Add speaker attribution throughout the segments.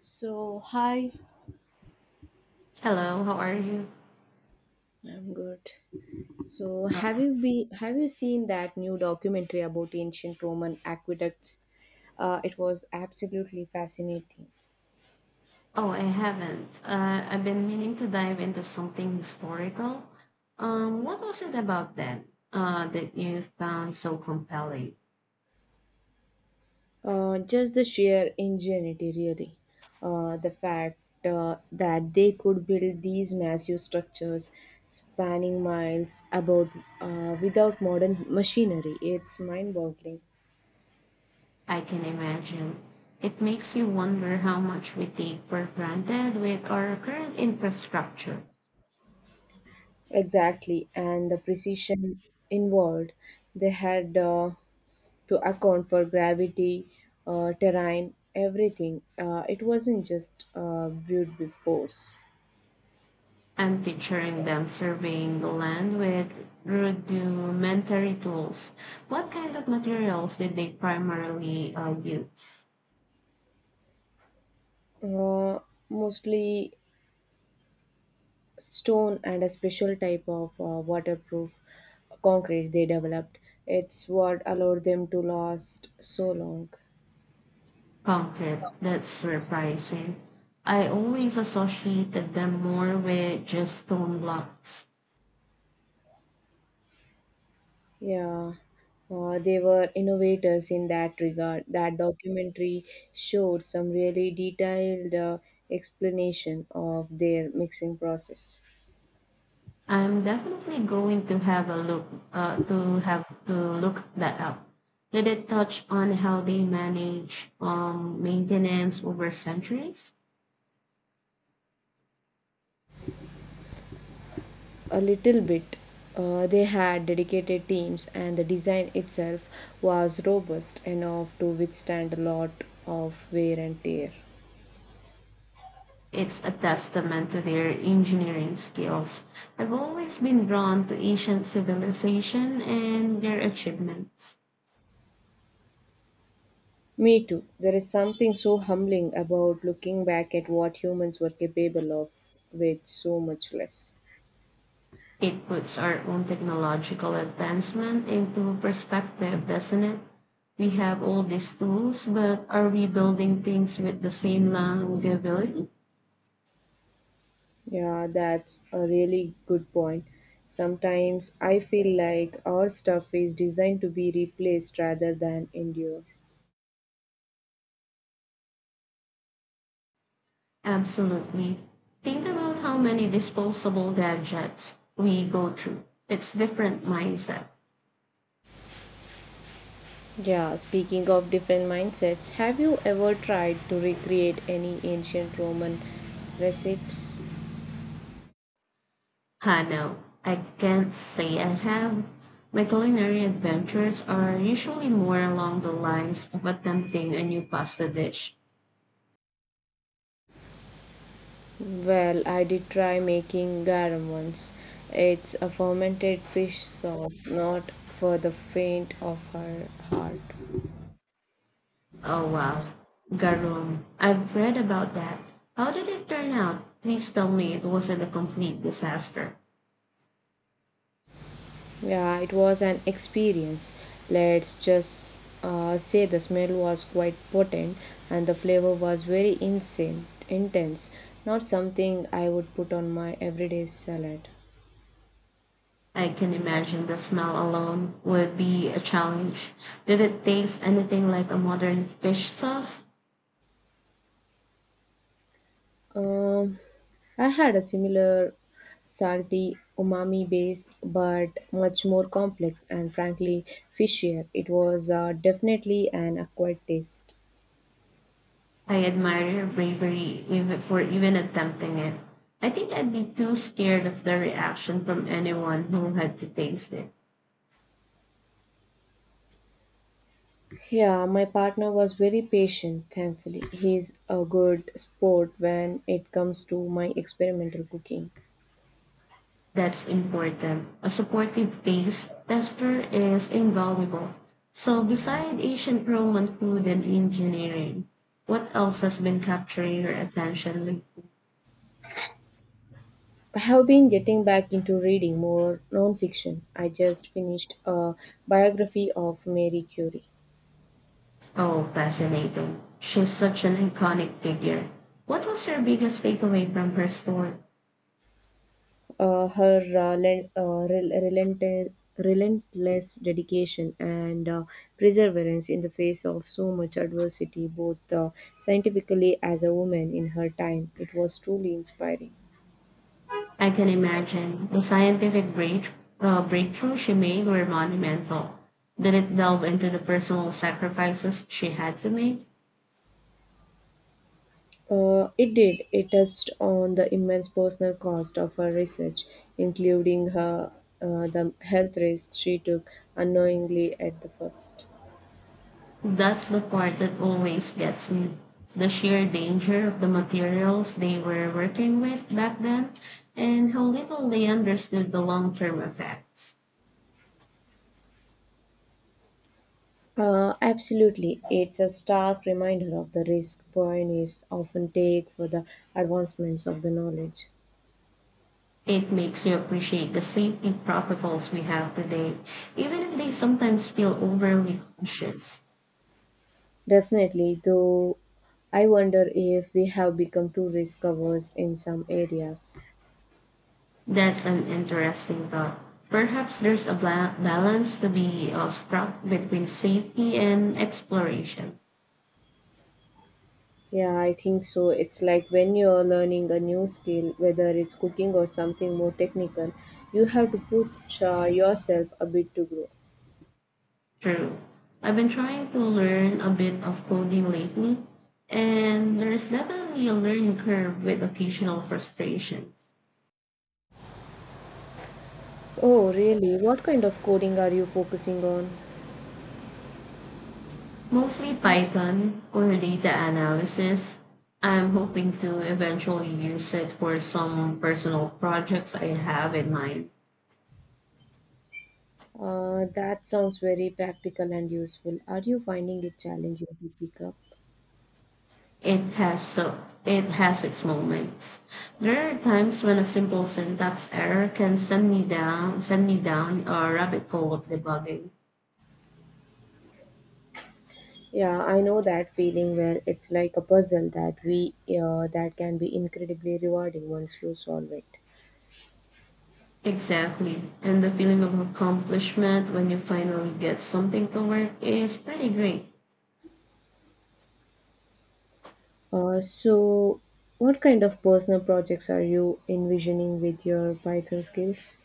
Speaker 1: So hi,
Speaker 2: Hello, how are you?
Speaker 1: I'm good. So
Speaker 2: Uh,
Speaker 1: have you seen that new documentary about ancient Roman aqueducts? It was absolutely fascinating.
Speaker 2: Oh, I haven't. I've been meaning to dive into something historical. What was it about that you found so compelling?
Speaker 1: Just the sheer ingenuity, really. The fact that they could build these massive structures spanning miles about without modern machinery, it's mind-boggling.
Speaker 2: I can imagine. It makes you wonder how much we take for granted with our current infrastructure.
Speaker 1: Exactly, and the precision involved. They had to account for gravity, terrain, everything. It wasn't just brewed with force.
Speaker 2: I'm picturing them surveying the land with rudimentary tools. What kind of materials did they primarily use?
Speaker 1: Uh, mostly stone and a special type of waterproof concrete they developed. It's what allowed them to last so long.
Speaker 2: Concrete. That's surprising. I always associated them more with just stone blocks.
Speaker 1: Yeah, they were innovators in that regard. That documentary showed some really detailed explanation of their mixing process.
Speaker 2: I'm definitely going to have a look to have to look that up. Did it touch on how they manage maintenance over centuries?
Speaker 1: A little bit. They had dedicated teams, and the design itself was robust enough to withstand a lot of wear and tear.
Speaker 2: It's a testament to their engineering skills. I've always been drawn to ancient civilization and their achievements.
Speaker 1: Me too. There is something so humbling about looking back at what humans were capable of with so much less.
Speaker 2: It puts our own technological advancement into perspective, doesn't it? We have all these tools, but are we building things with the same longevity?
Speaker 1: Yeah, that's a really good point. Sometimes I feel like our stuff is designed to be replaced rather than endure.
Speaker 2: Absolutely. Think about how many disposable gadgets we go through. It's different mindset.
Speaker 1: Yeah, speaking of different mindsets, have you ever tried to recreate any ancient Roman recipes?
Speaker 2: Ah, no, I can't say I have. My culinary adventures are usually more along the lines of attempting a new pasta dish.
Speaker 1: Well, I did try making garum once. It's a fermented fish sauce, not for the faint of her heart.
Speaker 2: Oh wow, Garum. I've read about that. How did it turn out? Please tell me it wasn't a complete disaster.
Speaker 1: Yeah, it was an experience. Let's just say the smell was quite potent and the flavor was very insane, intense. Not something I would put on my everyday salad.
Speaker 2: I can imagine the smell alone would be a challenge. Did it taste anything like a modern fish sauce?
Speaker 1: Um, I had a similar salty umami base, but much more complex and frankly fishier. It was definitely an acquired taste.
Speaker 2: I admire your bravery even for even attempting it. I think I'd be too scared of the reaction from anyone who had to taste it.
Speaker 1: Yeah, my partner was very patient, thankfully. He's a good sport when it comes to my experimental cooking.
Speaker 2: That's important. A supportive taste tester is invaluable. So, beside ancient Roman food and engineering, what else has been capturing your attention? With-
Speaker 1: I have been getting back into reading more nonfiction. I just finished a biography of Mary Curie.
Speaker 2: Oh, fascinating. She's such an iconic figure. What was your biggest takeaway from her story?
Speaker 1: Her relentless dedication and perseverance in the face of so much adversity, both scientifically as a woman in her time. It was truly inspiring.
Speaker 2: I can imagine the scientific break, breakthrough she made were monumental. Did it delve into the personal sacrifices she had to make?
Speaker 1: It did. It touched on the immense personal cost of her research, including her the health risks she took unknowingly at the first.
Speaker 2: That's the part that always gets me. The sheer danger of the materials they were working with back then and how little they understood the long term effects.
Speaker 1: Absolutely. It's a stark reminder of the risk pioneers often take for the advancements of the knowledge.
Speaker 2: It makes you appreciate the safety protocols we have today, even if they sometimes feel overly cautious.
Speaker 1: Definitely, though, I wonder if we have become too risk averse in some areas.
Speaker 2: That's an interesting thought. Perhaps there's a balance to be struck between safety and exploration.
Speaker 1: Yeah, I think so. It's like when you're learning a new skill, whether it's cooking or something more technical, you have to push yourself a bit to grow.
Speaker 2: True. I've been trying to learn a bit of coding lately, and there's definitely a learning curve with occasional frustrations.
Speaker 1: Oh, really? What kind of coding are you focusing on?
Speaker 2: Mostly Python or data analysis. I'm hoping to eventually use it for some personal projects I have in mind.
Speaker 1: That sounds very practical and useful. Are you finding it challenging to pick up?
Speaker 2: It has so it has its moments. There are times when a simple syntax error can send me down a rabbit hole of debugging.
Speaker 1: Yeah, I know that feeling where it's like a puzzle that we that can be incredibly rewarding once you solve it.
Speaker 2: Exactly. And the feeling of accomplishment when you finally get something to work is pretty great.
Speaker 1: So, what kind of personal projects are you envisioning with your Python skills?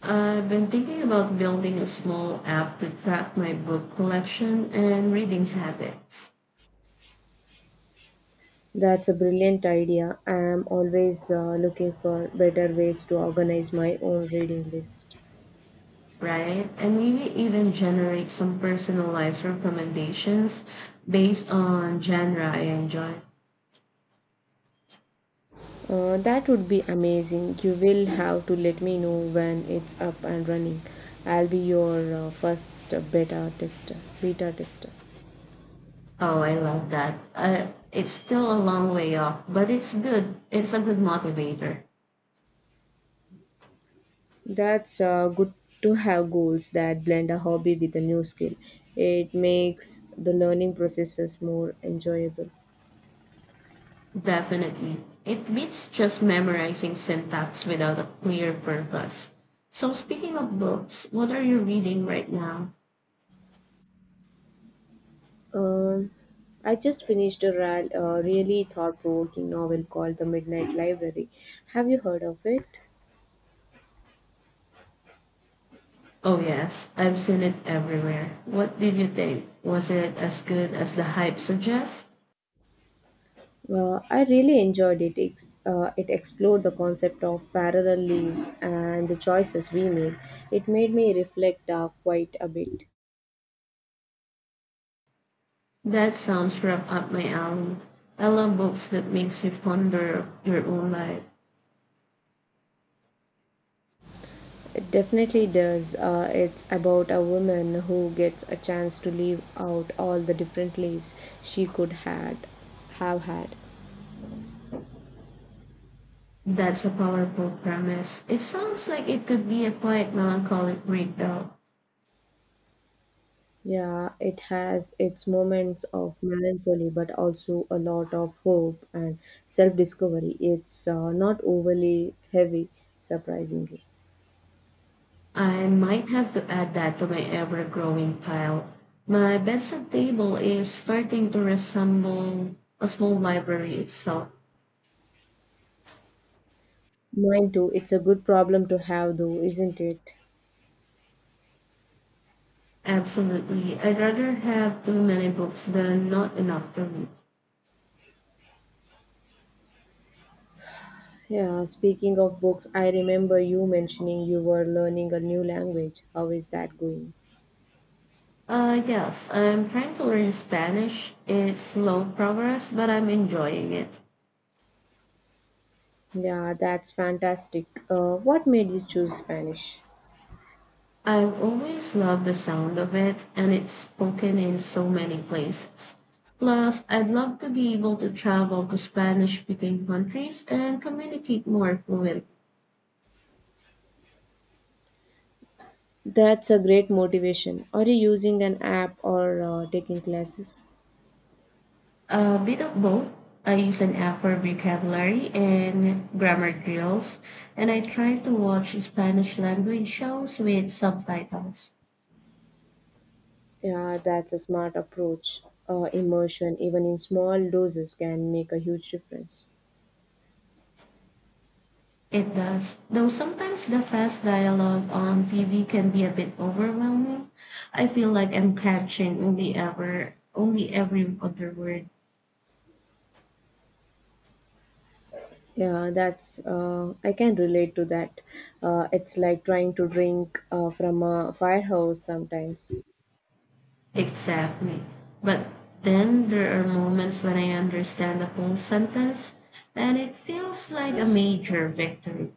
Speaker 2: I've been thinking about building a small app to track my book collection and reading habits,
Speaker 1: That's a brilliant idea. I am always looking for better ways to organize my own reading list.
Speaker 2: right? And maybe even generate some personalized recommendations based on genre I enjoy.
Speaker 1: That would be amazing. You will have to let me know when it's up and running. I'll be your first beta tester.
Speaker 2: Oh, I love that. It's still a long way off, but it's good. It's a good motivator.
Speaker 1: That's good to have goals that blend a hobby with a new skill. It makes the learning processes more enjoyable.
Speaker 2: Definitely. It beats just memorizing syntax without a clear purpose. So, speaking of books, what are you reading right now?
Speaker 1: Um, I just finished a really thought-provoking novel called The Midnight Library. Have you heard of it?
Speaker 2: Oh, yes, I've seen it everywhere. What did you think? Was it as good as the hype suggests?
Speaker 1: Well, I really enjoyed it. It explored the concept of parallel lives and the choices we make. It made me reflect quite a bit.
Speaker 2: That sounds right up my alley. I love books that makes you ponder your own life.
Speaker 1: It definitely does. It's about a woman who gets a chance to live out all the different lives she could had have had.
Speaker 2: That's a powerful premise. It sounds like it could be a quiet, melancholic read, though.
Speaker 1: Yeah, it has its moments of melancholy, but also a lot of hope and self-discovery. It's not overly heavy, surprisingly.
Speaker 2: I might have to add that to my ever growing pile. My bedside table is starting to resemble a small library itself.
Speaker 1: Mine too. It's a good problem to have, though, isn't it?
Speaker 2: Absolutely. I'd rather have too many books than not enough to read.
Speaker 1: Yeah, speaking of books, I remember you mentioning you were learning a new language. How is that going?
Speaker 2: Yes, I'm trying to learn Spanish. It's slow progress, but I'm enjoying it.
Speaker 1: Yeah, that's fantastic. What made you choose Spanish?
Speaker 2: I've always loved the sound of it, and it's spoken in so many places. Plus, I'd love to be able to travel to Spanish speaking countries and communicate more fluently.
Speaker 1: That's a great motivation. Are you using an app or taking classes?
Speaker 2: A bit of both. I use an Afro vocabulary and grammar drills, and I try to watch Spanish language shows with subtitles.
Speaker 1: Yeah, that's a smart approach. Immersion, even in small doses, can make a huge difference.
Speaker 2: It does, though sometimes the fast dialogue on TV can be a bit overwhelming. I feel like I'm catching only every other word,
Speaker 1: Yeah, that's I can relate to that. It's like trying to drink from a firehouse sometimes.
Speaker 2: exactly. But then there are moments when I understand the whole sentence and it feels like a major victory.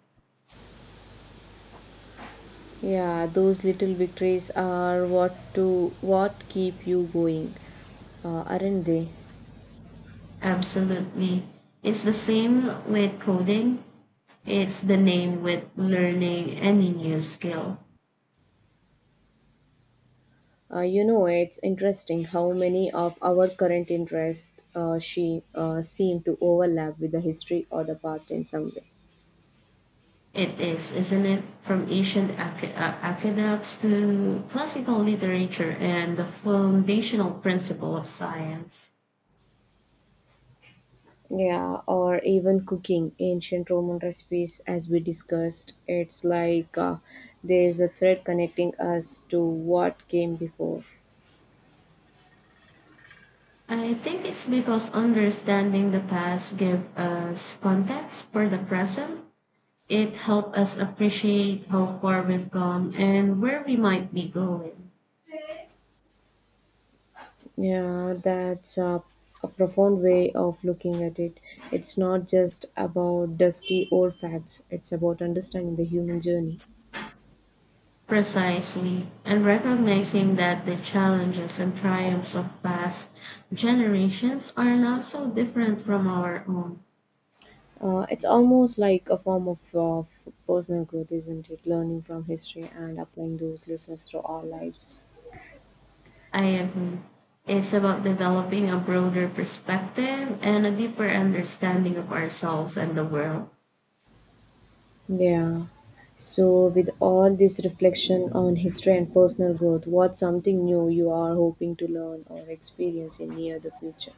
Speaker 1: Yeah, those little victories are what keep you going, aren't they?
Speaker 2: Absolutely. It's the same with coding. It's the name with learning any new skill.
Speaker 1: You know, it's interesting how many of our current interests she seem to overlap with the history or the past in some way.
Speaker 2: It is, isn't it? From ancient aqueducts to classical literature and the foundational principle of science.
Speaker 1: Yeah, or even cooking ancient Roman recipes, as we discussed. It's like there's a thread connecting us to what came before.
Speaker 2: I think it's because understanding the past gives us context for the present. It helps us appreciate how far we've come and where we might be going.
Speaker 1: Yeah, a profound way of looking at it. It's not just about dusty old facts, it's about understanding the human journey.
Speaker 2: Precisely, and recognizing that the challenges and triumphs of past generations are not so different from our own.
Speaker 1: It's almost like a form of personal growth, isn't it? Learning from history and applying those lessons to our lives.
Speaker 2: I agree. It's about developing a broader perspective and a deeper understanding of ourselves and the world.
Speaker 1: Yeah. So, with all this reflection on history and personal growth, what's something new you are hoping to learn or experience in near the future?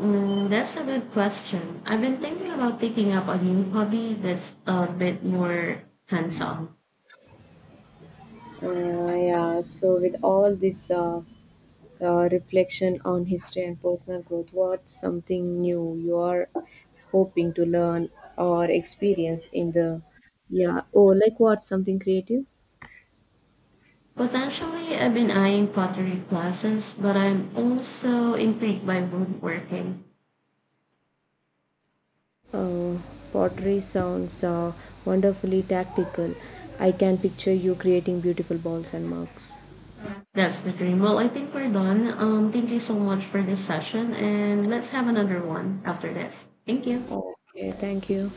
Speaker 2: That's a good question. I've been thinking about taking up a new hobby that's a bit more hands on.
Speaker 1: Yeah. So, with all this reflection on history and personal growth, what's something new you are hoping to learn or experience in the yeah? Oh, like what something creative?
Speaker 2: Potentially, I've been eyeing pottery classes, but I'm also intrigued by woodworking.
Speaker 1: Uh, pottery sounds wonderfully tactical. I can picture you creating beautiful balls and mugs.
Speaker 2: That's the dream. Well, I think we're done. Thank you so much for this session, and let's have another one after this. Thank you.
Speaker 1: Okay, thank you.